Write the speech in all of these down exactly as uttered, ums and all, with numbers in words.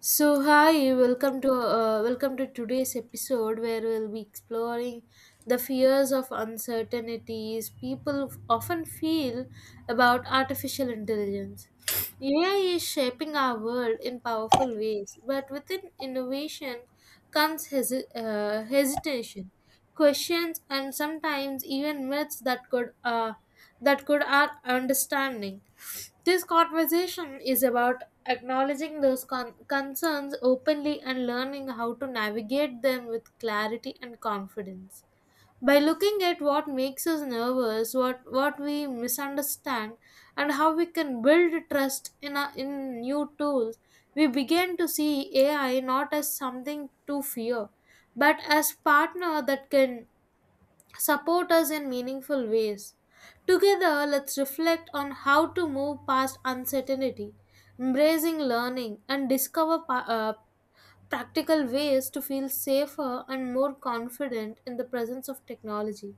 So hi, welcome to uh, welcome to today's episode where we'll be exploring the fears of uncertainties people often feel about artificial intelligence. A I is shaping our world in powerful ways, but within innovation comes hesi- uh, hesitation questions and sometimes even myths that could uh, that could add understanding. This conversation is about acknowledging those con- concerns openly and learning how to navigate them with clarity and confidence. By looking at what makes us nervous, what what we misunderstand, and how we can build trust in a, in new tools, we begin to see ai not as something to fear but as partner that can support us in meaningful ways. Together, let's reflect on how to move past uncertainty, embracing learning, and discover pa- uh, practical ways to feel safer and more confident in the presence of technology.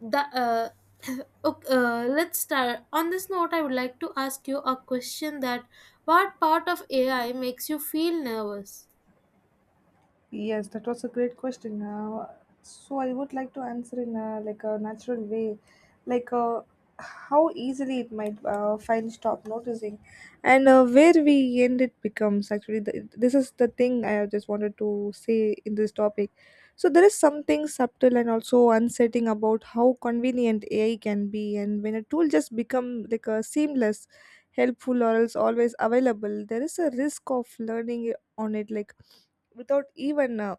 The, uh, ok- uh, let's start. On this note, I would like to ask you a question that what part of A I makes you feel nervous? Yes, that was a great question. Uh, so I would like to answer in a, like a natural way, like uh, how easily it might uh, find stop noticing, and uh, where we end it becomes actually the, this is the thing I just wanted to say in this topic. So there is something subtle and also unsettling about how convenient A I can be, and when a tool just become like a seamless, helpful or else always available, there is a risk of learning on it like without even uh,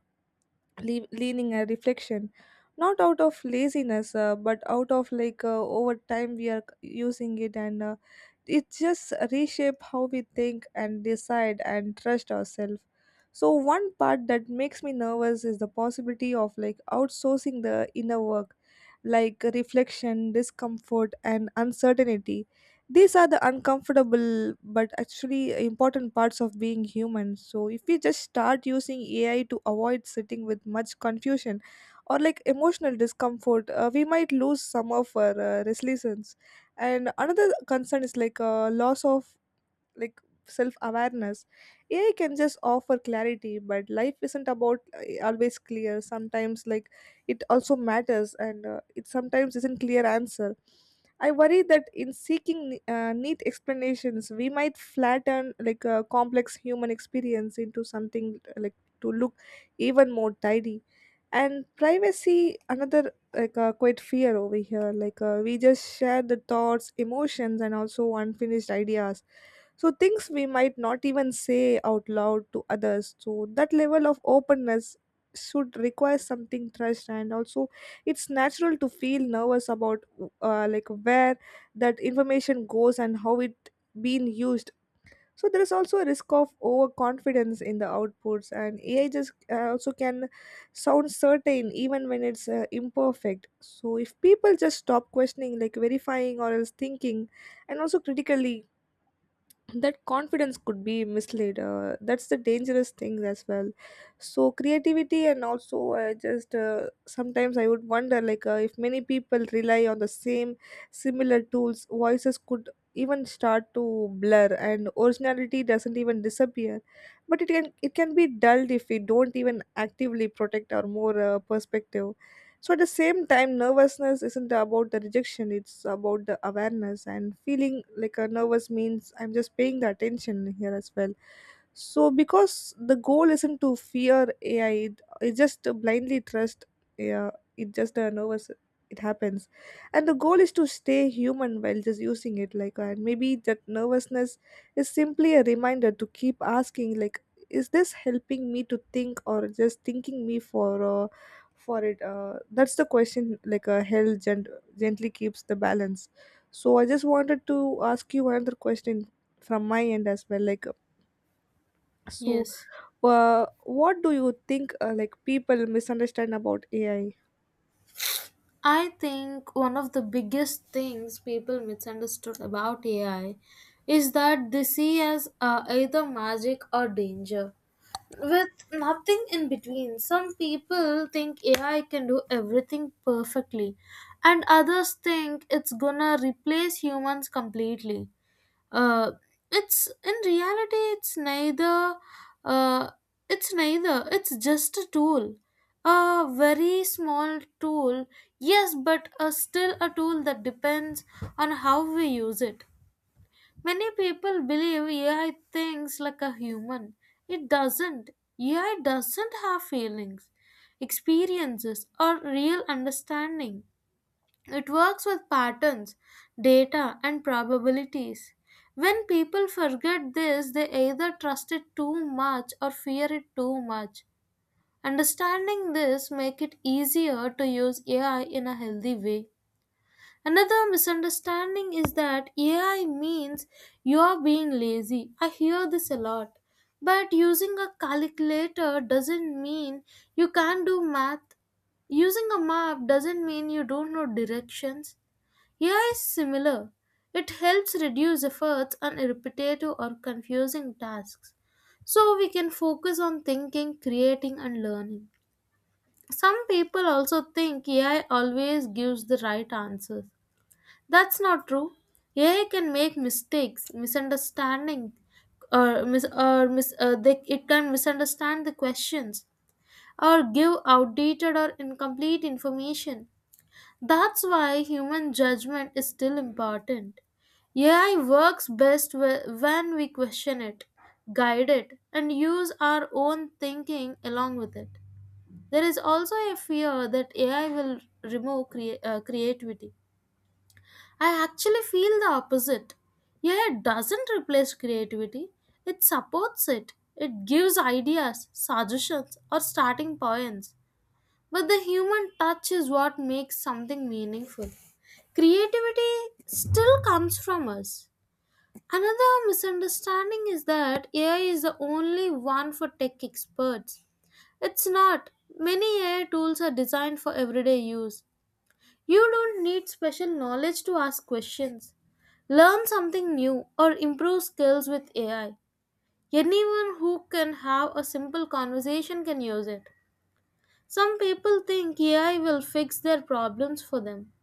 le- leaning a reflection, not out of laziness uh, but out of like uh, over time we are c- using it, and uh, it just reshape how we think and decide and trust ourselves. So one part that makes me nervous is the possibility of like outsourcing the inner work, like reflection, discomfort and uncertainty. These are the uncomfortable but actually important parts of being human. So, if we just start using A I to avoid sitting with much confusion or like emotional discomfort, uh, we might lose some of our uh, resilience. And another concern is like uh, loss of like self awareness. AI can just offer clarity, but life isn't about uh, always clear, sometimes like it also matters, and uh, it sometimes isn't clear answer. I worry that in seeking uh, neat explanations we might flatten like a complex human experience into something uh, like to look even more tidy. And privacy, another like uh, quite fear over here, like uh, we just share the thoughts, emotions and also unfinished ideas, so things we might not even say out loud to others. So that level of openness should require something trust, and also it's natural to feel nervous about uh, like where that information goes and how it being used. So there is also a risk of overconfidence in the outputs, and AI just uh, also can sound certain even when it's uh, imperfect. So if people just stop questioning, like verifying or else thinking and also critically, that confidence could be misled, uh, that's the dangerous thing as well. So creativity and also uh, just uh, sometimes I would wonder, like uh, if many people rely on the same similar tools, voices could even start to blur and originality doesn't even disappear, but it can it can be dulled if we don't even actively protect our more uh, perspective. So at the same time, nervousness isn't about the rejection, it's about the awareness, and feeling like a nervous means I'm just paying the attention here as well. So, because the goal isn't to fear A I, it, it just to blindly trust. Yeah, it just uh, nervous. It happens, and the goal is to stay human while just using it. Like, and maybe that nervousness is simply a reminder to keep asking, like, is this helping me to think or just thinking me for uh, for it? Uh, that's the question. Like, uh, hell gent- gently keeps the balance. So, I just wanted to ask you another question from my end as well. Like so, Yes. uh, what do you think uh, like people misunderstand about A I? I think one of the biggest things people misunderstood about A I is that they see as uh, either magic or danger, with nothing in between. Some people think A I can do everything perfectly, and others think it's gonna replace humans completely. uh, it's in reality it's neither uh, it's neither. It's just a tool, a very small tool, yes, but uh, still a tool that depends on how we use it. Many people believe ai thinks like a human. It doesn't. AI doesn't have feelings, experiences or real understanding. It works with patterns, data, and probabilities. When people forget this, they either trust it too much or fear it too much. Understanding this make it easier to use A I in a healthy way. Another misunderstanding is that A I means you're being lazy. I hear this a lot. But using a calculator doesn't mean you can't do math. Using a map doesn't mean you don't know directions. A I is similar. It helps reduce efforts on repetitive or confusing tasks. So we can focus on thinking, creating, and learning. Some people also think A I always gives the right answers. That's not true. A I can make mistakes, misunderstanding, or mis- or mis- uh, they, it can misunderstand the questions or give outdated or incomplete information. That's why human judgment is still important. A I works best wh- when we question it, guide it, and use our own thinking along with it. There is also a fear that A I will remove crea- uh, creativity. I actually feel the opposite. A I doesn't replace creativity, it supports it. It gives ideas, suggestions, or starting points. But the human touch is what makes something meaningful. Creativity still comes from us. Another misunderstanding is that A I is the only one for tech experts. It's not. Many A I tools are designed for everyday use. You don't need special knowledge to ask questions, learn something new, or improve skills with A I. Anyone who can have a simple conversation can use it. Some people think A I will fix their problems for them,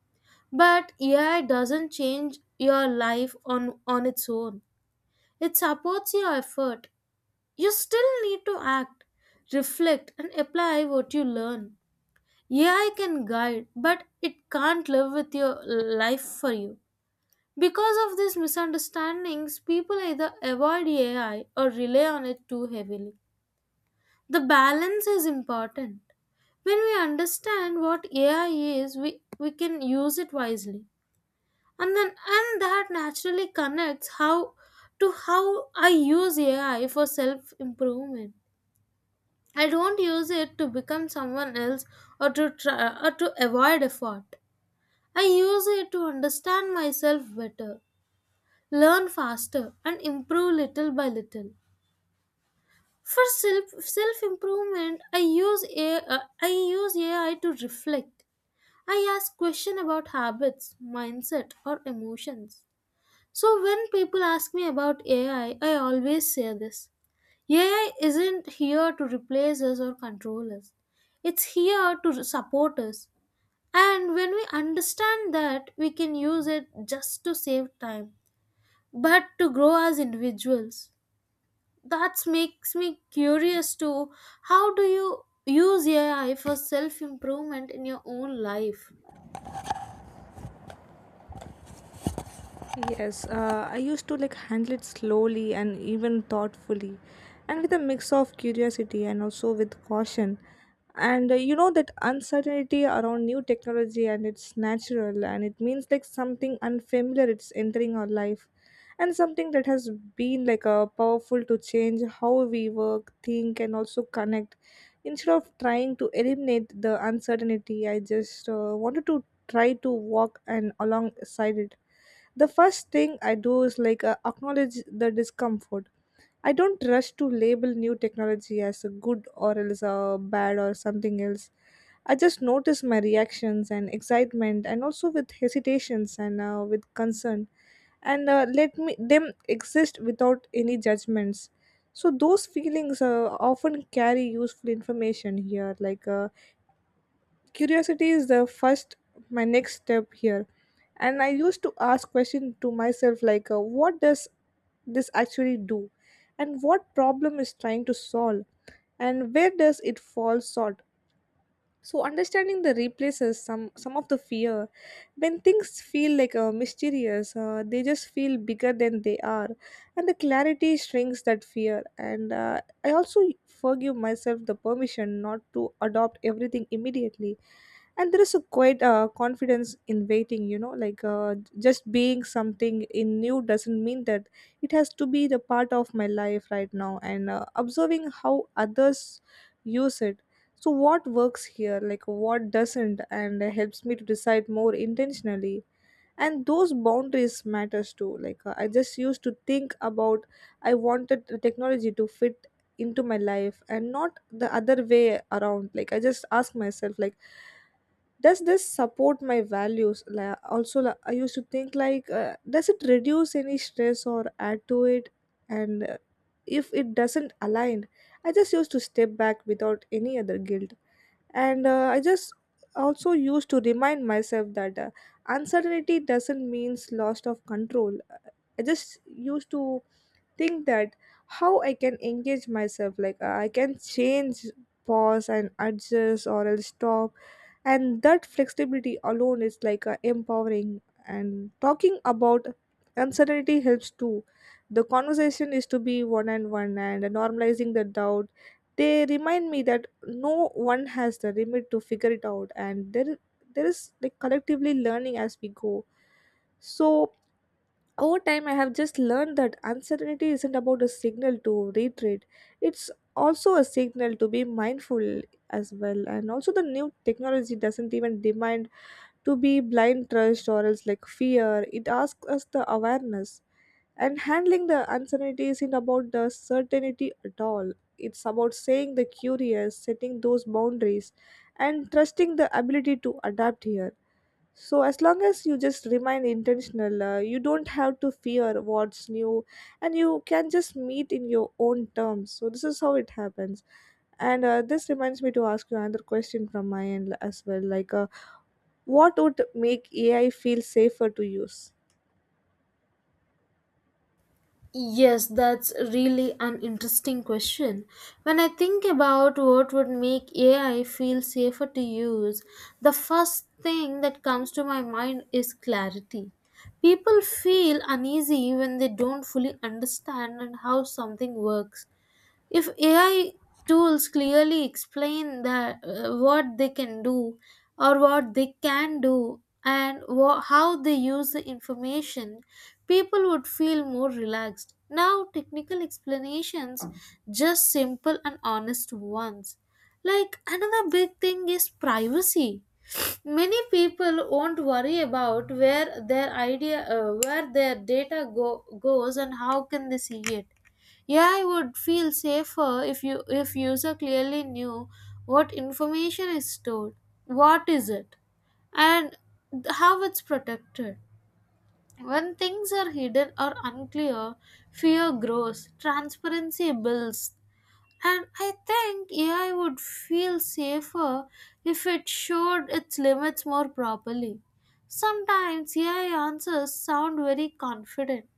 but A I doesn't change your life on, on its own. It supports your effort. You still need to act, reflect, and apply what you learn. A I can guide, but it can't live with your life for you. Because of these misunderstandings, people either avoid A I or rely on it too heavily. The balance is important. When we understand what A I is, we, we can use it wisely. And then and that naturally connects how to how I use ai for self improvement. I don't use it to become someone else or to try, or to avoid effort. I use it to understand myself better, learn faster and improve little by little. For self self improvement i use A I, uh, i i use ai to reflect. I ask question about habits, mindset or emotions. So when people ask me about A I, I I always say this. A I isn't here to replace us or control us. It's here to support us. And when we understand that, we can use it just to save time, but to grow as individuals. That makes me curious to how do you use A I for self improvement in your own life? Yes, uh, I used to like handle it slowly and even thoughtfully, and with a mix of curiosity and also with caution. And uh, you know that uncertainty around new technology, and it's natural, and it means like something unfamiliar it's entering our life, and something that has been like a powerful to change how we work, think and also connect. Instead of trying to eliminate the uncertainty, I just uh, wanted to try to walk and alongside it. The first thing I do is like uh, acknowledge the discomfort. I don't rush to label new technology as a good or else a bad or something else. I just notice my reactions and excitement and also with hesitations and uh, with concern, and uh, let me them exist without any judgments. So those feelings uh, often carry useful information here, like uh, curiosity is the first. My next step here, and I used to ask questions to myself, like uh, what does this actually do, and what problem is trying to solve, and where does it fall short. So understanding the replaces some some of the fear. When things feel like uh, mysterious, uh, they just feel bigger than they are, and the clarity shrinks that fear. And uh, I also forgive myself the permission not to adopt everything immediately. And there is a quite uh, confidence in waiting. You know, like uh, just being something in new doesn't mean that it has to be the part of my life right now. And uh, observing how others use it, so, what works here, like what doesn't, and uh, helps me to decide more intentionally. And those boundaries matters too. Like uh, I just used to think about I wanted the technology to fit into my life and not the other way around. Like I just ask myself, like, does this support my values? Like, also, like, I used to think like, uh, does it reduce any stress or add to it? And uh, if it doesn't align, I just used to step back without any other guilt, and uh, I just also used to remind myself that uh, uncertainty doesn't means loss of control. I just used to think that how I can engage myself, like uh, I can change, pause and adjust or else stop, and that flexibility alone is like uh, empowering. And talking about uncertainty helps too. The conversation is to be one and one, and normalizing the doubt, they remind me that no one has the limit to figure it out, and there there is like collectively learning as we go. So over time, I have just learned that uncertainty isn't about a signal to retreat, it's also a signal to be mindful as well. And also, the new technology doesn't even demand to be blind trust or else like fear, it asks us the awareness. And handling the uncertainty isn't about the certainty at all. It's about saying the curious, setting those boundaries, and trusting the ability to adapt here. So as long as you just remain intentional, uh, you don't have to fear what's new, and you can just meet in your own terms. So this is how it happens. And uh, this reminds me to ask you another question from my end as well. Like, uh, what would make A I feel safer to use? Yes, that's really an interesting question. When I think about what would make A I feel safer to use, the first thing that comes to my mind is clarity. People feel uneasy when they don't fully understand and how something works. If A I tools clearly explain that uh, what they can do or what they can do and wha- how they use the information, people would feel more relaxed. Now, technical explanations just simple and honest ones. Like another big thing is privacy. Many people won't worry about where their idea, uh, where their data go, goes, and how can they see it. A I would feel safer if you if user clearly knew what information is stored, what is it, and th- how it's protected. When things are hidden or unclear, fear grows, transparency builds, and I think A I would feel safer if it showed its limits more properly. Sometimes A I answers sound very confident,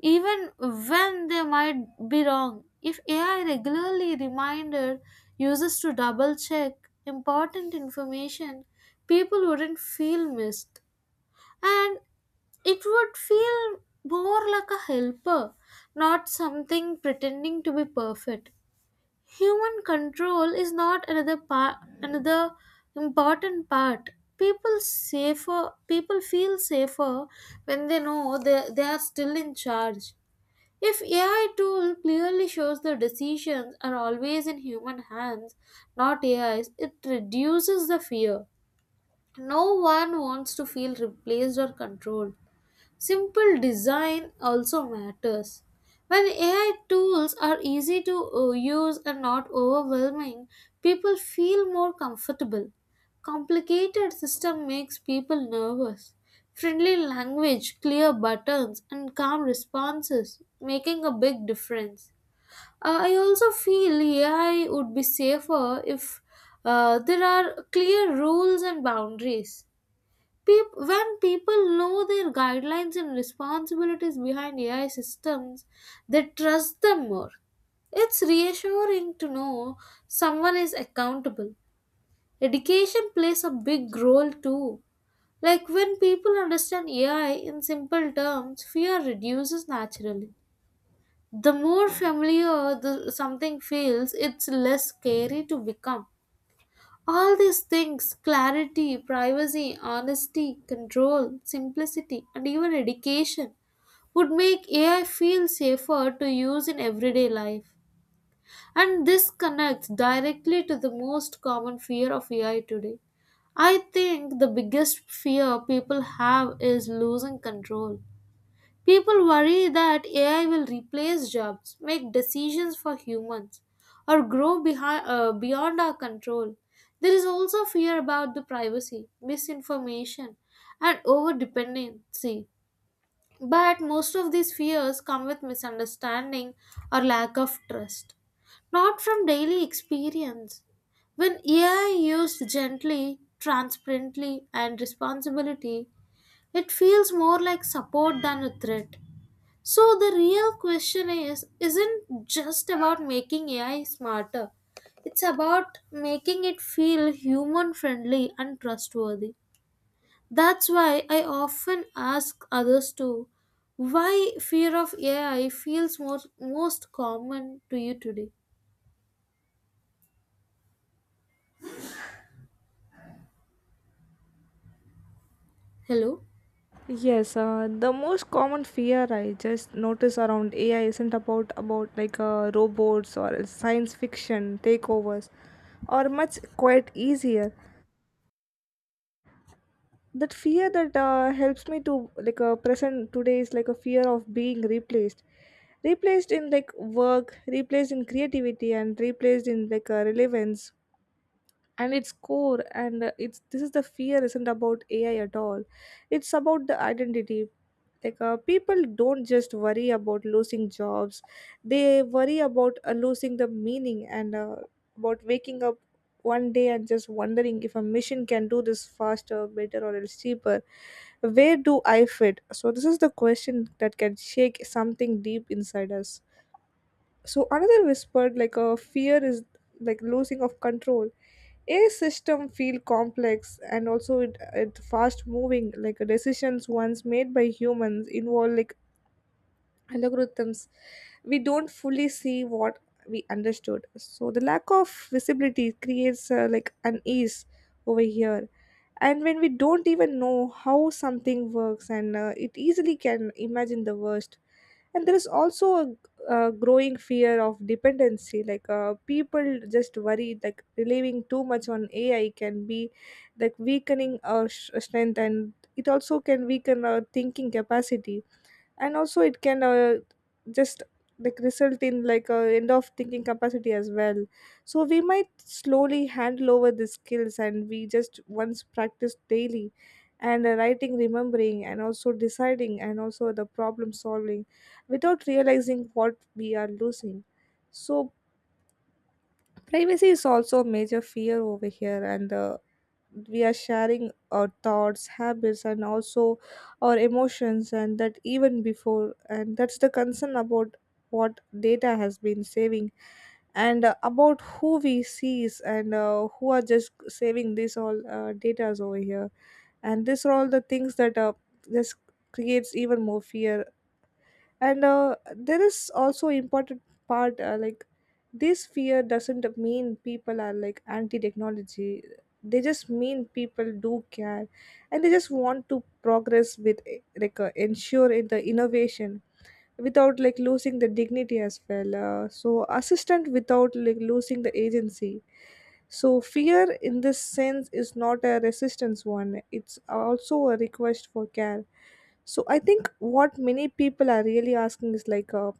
even when they might be wrong. If A I regularly reminded users to double check important information, people wouldn't feel missed. And it would feel more like a helper, not something pretending to be perfect. Human control is not another part, another important part. People safer. People feel safer when they know they, they are still in charge. If A I tool clearly shows the decisions are always in human hands, not A I's, it reduces the fear. No one wants to feel replaced or controlled. Simple design also matters. When A I tools are easy to uh, use and not overwhelming, people feel more comfortable. Complicated system makes people nervous. Friendly language, clear buttons, and calm responses making a big difference. Uh, I also feel A I would be safer if uh, there are clear rules and boundaries. Peop- when people know their guidelines and responsibilities behind A I systems, they trust them more. It's reassuring to know someone is accountable. Education plays a big role too. Like when people understand A I in simple terms, fear reduces naturally. The more familiar the, something feels, it's less scary to become. All these things clarity, privacy, honesty, control, simplicity, and even education would make A I feel safer to use in everyday life. And this connects directly to the most common fear of A I today. I think the biggest fear people have is losing control. People worry that A I will replace jobs, make decisions for humans, or grow behind, uh, beyond our control. There is also fear about the privacy, misinformation, and overdependency. But most of these fears come with misunderstanding or lack of trust, not from daily experience. When A I used gently, transparently, and responsibility, it feels more like support than a threat. So the real question is isn't just about making A I smarter. It's about making it feel human friendly and trustworthy. That's why I often ask others too why fear of A I feels most, most common to you today. Hello? Yes, uh, the most common fear I just notice around A I isn't about about like uh, robots or science fiction takeovers, or much quite easier. That fear that uh, helps me to like uh, present today is like a fear of being replaced, replaced in like work, replaced in creativity, and replaced in like uh, relevance. And its core, and uh, it's this is the fear isn't about AI at all, it's about the identity. like uh, people don't just worry about losing jobs, they worry about uh, losing the meaning, and uh, about waking up one day and just wondering if a machine can do this faster, better or else cheaper, where do I fit. So this is the question that can shake something deep inside us. So another whispered like a fear is like losing of control. A system feel complex, and also it, it fast moving, like decisions once made by humans involve like algorithms we don't fully see what we understood. So the lack of visibility creates uh, like unease over here, and when we don't even know how something works, and uh, it easily can imagine the worst. And there is also a, a growing fear of dependency, like uh, people just worry like relying too much on AI can be like weakening our sh- strength, and it also can weaken our thinking capacity, and also it can uh, just like result in like a end of thinking capacity as well. So we might slowly handle over the skills, and we just once practice daily, and uh, writing, remembering and also deciding and also the problem solving, without realizing what we are losing. So privacy is also a major fear over here, and uh, we are sharing our thoughts, habits and also our emotions, and that even before, and that's the concern about what data has been saving, and uh, about who we sees, and uh, who are just saving this all uh, data's over here. And these are all the things that uh, this creates even more fear. And uh, there is also important part, uh, like this fear doesn't mean people are like anti technology, they just mean people do care, and they just want to progress with eh, like uh, ensure in the innovation without like losing the dignity as well, uh, so assistant without like losing the agency. So fear in this sense is not a resistance one, it's also a request for care. So I think what many people are really asking is like uh,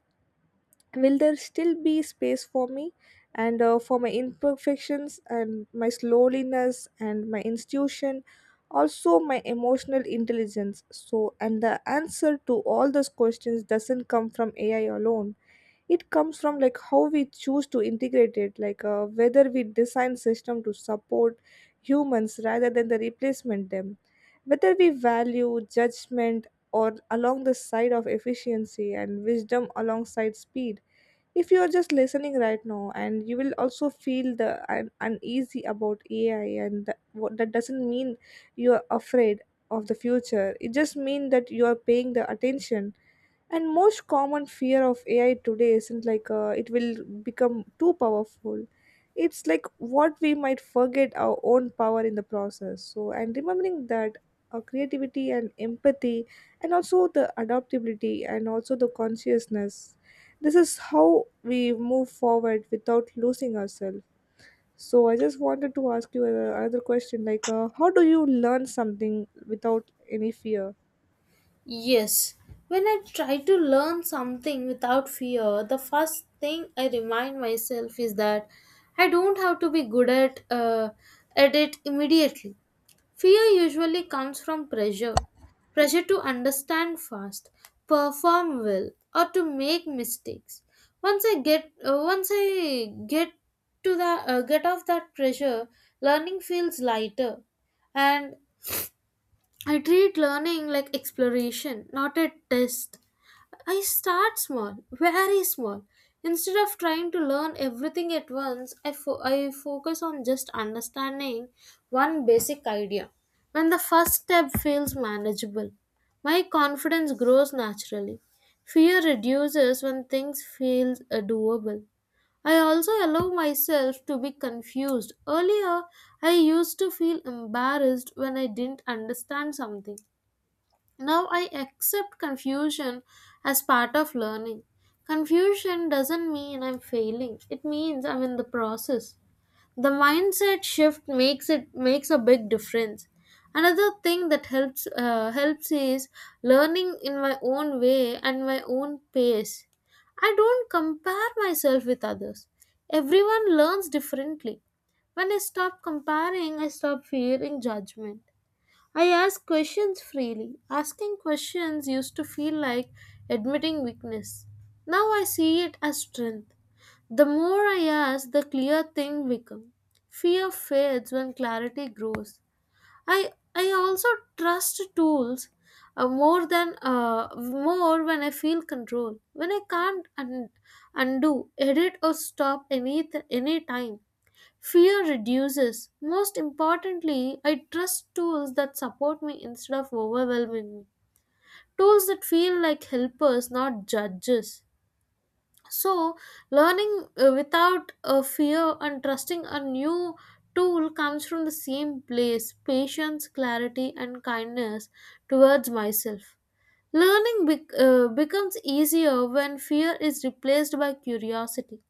will there still be space for me, and uh, for my imperfections and my slowness and my institution, also my emotional intelligence. So and the answer to all those questions doesn't come from AI alone, it comes from like how we choose to integrate it, like uh, whether we design system to support humans rather than the replacement them, whether we value judgment or along the side of efficiency and wisdom alongside speed. If you are just listening right now and you will also feel the un- uneasy about AI and the, what, that doesn't mean you are afraid of the future, it just means that you are paying the attention. And most common fear of AI today isn't like uh, it will become too powerful, it's like what we might forget our own power in the process. So and remembering that our creativity and empathy and also the adaptability and also the consciousness, this is how we move forward without losing ourselves. So I just wanted to ask you uh, another question, like uh, how do you learn something without any fear? Yes, when I try to learn something without fear, the first thing I remind myself is that I don't have to be good at uh, at it immediately. Fear usually comes from pressure, pressure to understand fast, perform well, or to make mistakes. Once I get uh, once I get to the uh, get off that pressure, learning feels lighter and I treat learning like exploration, not a test. I start small, very small. Instead of trying to learn everything at once, I, fo- I focus on just understanding one basic idea. When the first step feels manageable, my confidence grows naturally. Fear reduces when things feel uh, doable. I also allow myself to be confused. Earlier, I used to feel embarrassed when I didn't understand something. Now I accept confusion as part of learning. Confusion doesn't mean I'm failing. It means I'm in the process. The mindset shift makes it makes a big difference. Another thing that helps uh, helps is learning in my own way and my own pace. I don't compare myself with others. Everyone learns differently. When I stop comparing, I stop fearing judgment. I ask questions freely. Asking questions used to feel like admitting weakness. Now I see it as strength. The more I ask, the clear things become. Fear fades when clarity grows. I I also trust tools uh, more than uh, more when I feel control. When I can't un- undo, edit or stop any any time. Fear reduces. Most importantly, I trust tools that support me instead of overwhelming me. Tools that feel like helpers, not judges. So, learning uh, without a fear and trusting a new tool comes from the same place patience, clarity, and kindness towards myself. Learning bec- uh, becomes easier when fear is replaced by curiosity.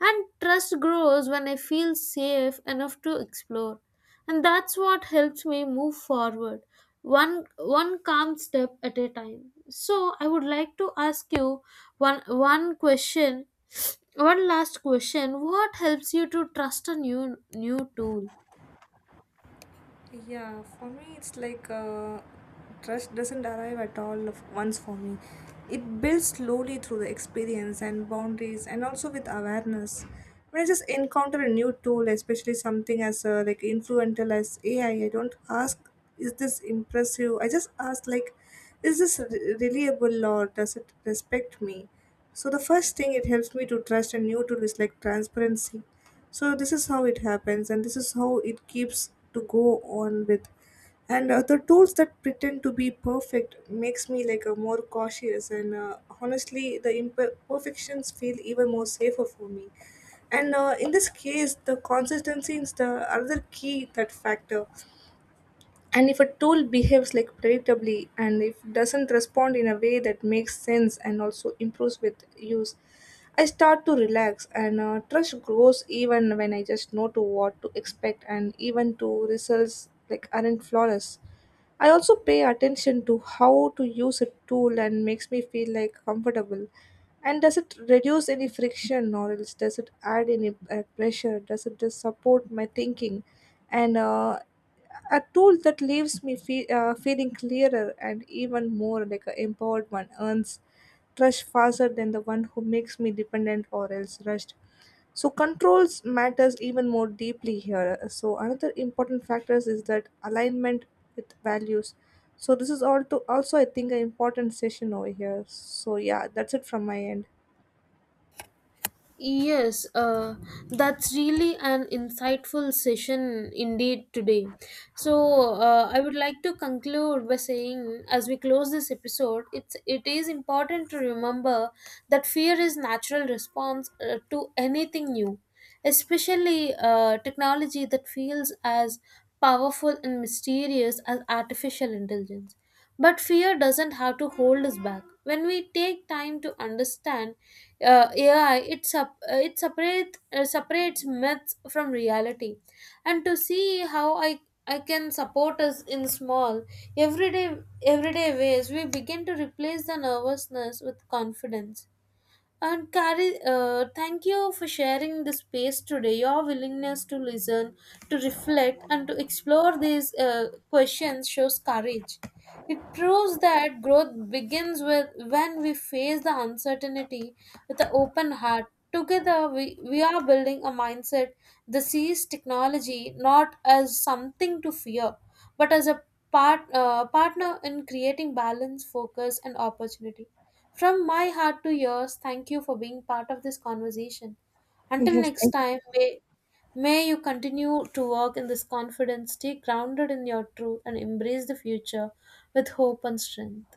And trust grows when I feel safe enough to explore. And that's what helps me move forward, one, one calm step at a time. So, I would like to ask you one, one question, one last question. What helps you to trust a new, new tool? Yeah, for me it's like uh, trust doesn't arrive at all of once for me. It builds slowly through the experience and boundaries and also with awareness. When I just encounter a new tool, especially something as uh, like influential as A I, I I don't ask, is this impressive? I just ask like, is this re- reliable, or does it respect me? So the first thing it helps me to trust a new tool is like transparency, so this is how it happens and this is how it keeps to go on with. And uh, the tools that pretend to be perfect makes me like a more cautious, and uh, honestly the imperfections feel even more safer for me. And uh, in this case the consistency is the other key that factor, and if a tool behaves like predictably, and if doesn't respond in a way that makes sense and also improves with use, I start to relax, and uh, trust grows even when I just know to what to expect and even to results like aren't flawless. I also pay attention to how to use a tool and makes me feel like comfortable. And does it reduce any friction, or else does it add any uh, pressure? Does it just support my thinking? And uh, a tool that leaves me feel, uh, feeling clearer and even more like an empowered one earns trust faster than the one who makes me dependent or else rushed. So controls matters even more deeply here. So another important factors is that alignment with values. So this is all to also I think an important session over here. So yeah, that's it from my end. Yes, uh, that's really an insightful session indeed today. So uh, I would like to conclude by saying, as we close this episode, it's it is important to remember that fear is natural response uh, to anything new, especially uh, technology that feels as powerful and mysterious as artificial intelligence. But fear doesn't have to hold us back. When we take time to understand uh, A I, it, sup- uh, it separate, uh, separates myths from reality. And to see how I, I can support us in small, everyday, everyday ways, we begin to replace the nervousness with confidence. And Kari, uh, thank you for sharing the space today. Your willingness to listen, to reflect, and to explore these uh, questions shows courage. It proves that growth begins with when we face the uncertainty with an open heart. Together, we, we are building a mindset that sees technology not as something to fear, but as a part, uh, partner in creating balance, focus, and opportunity. From my heart to yours, thank you for being part of this conversation. Until Yes, next thank time, may, may you continue to walk in this confidence, stay grounded in your truth, and embrace the future with hope and strength.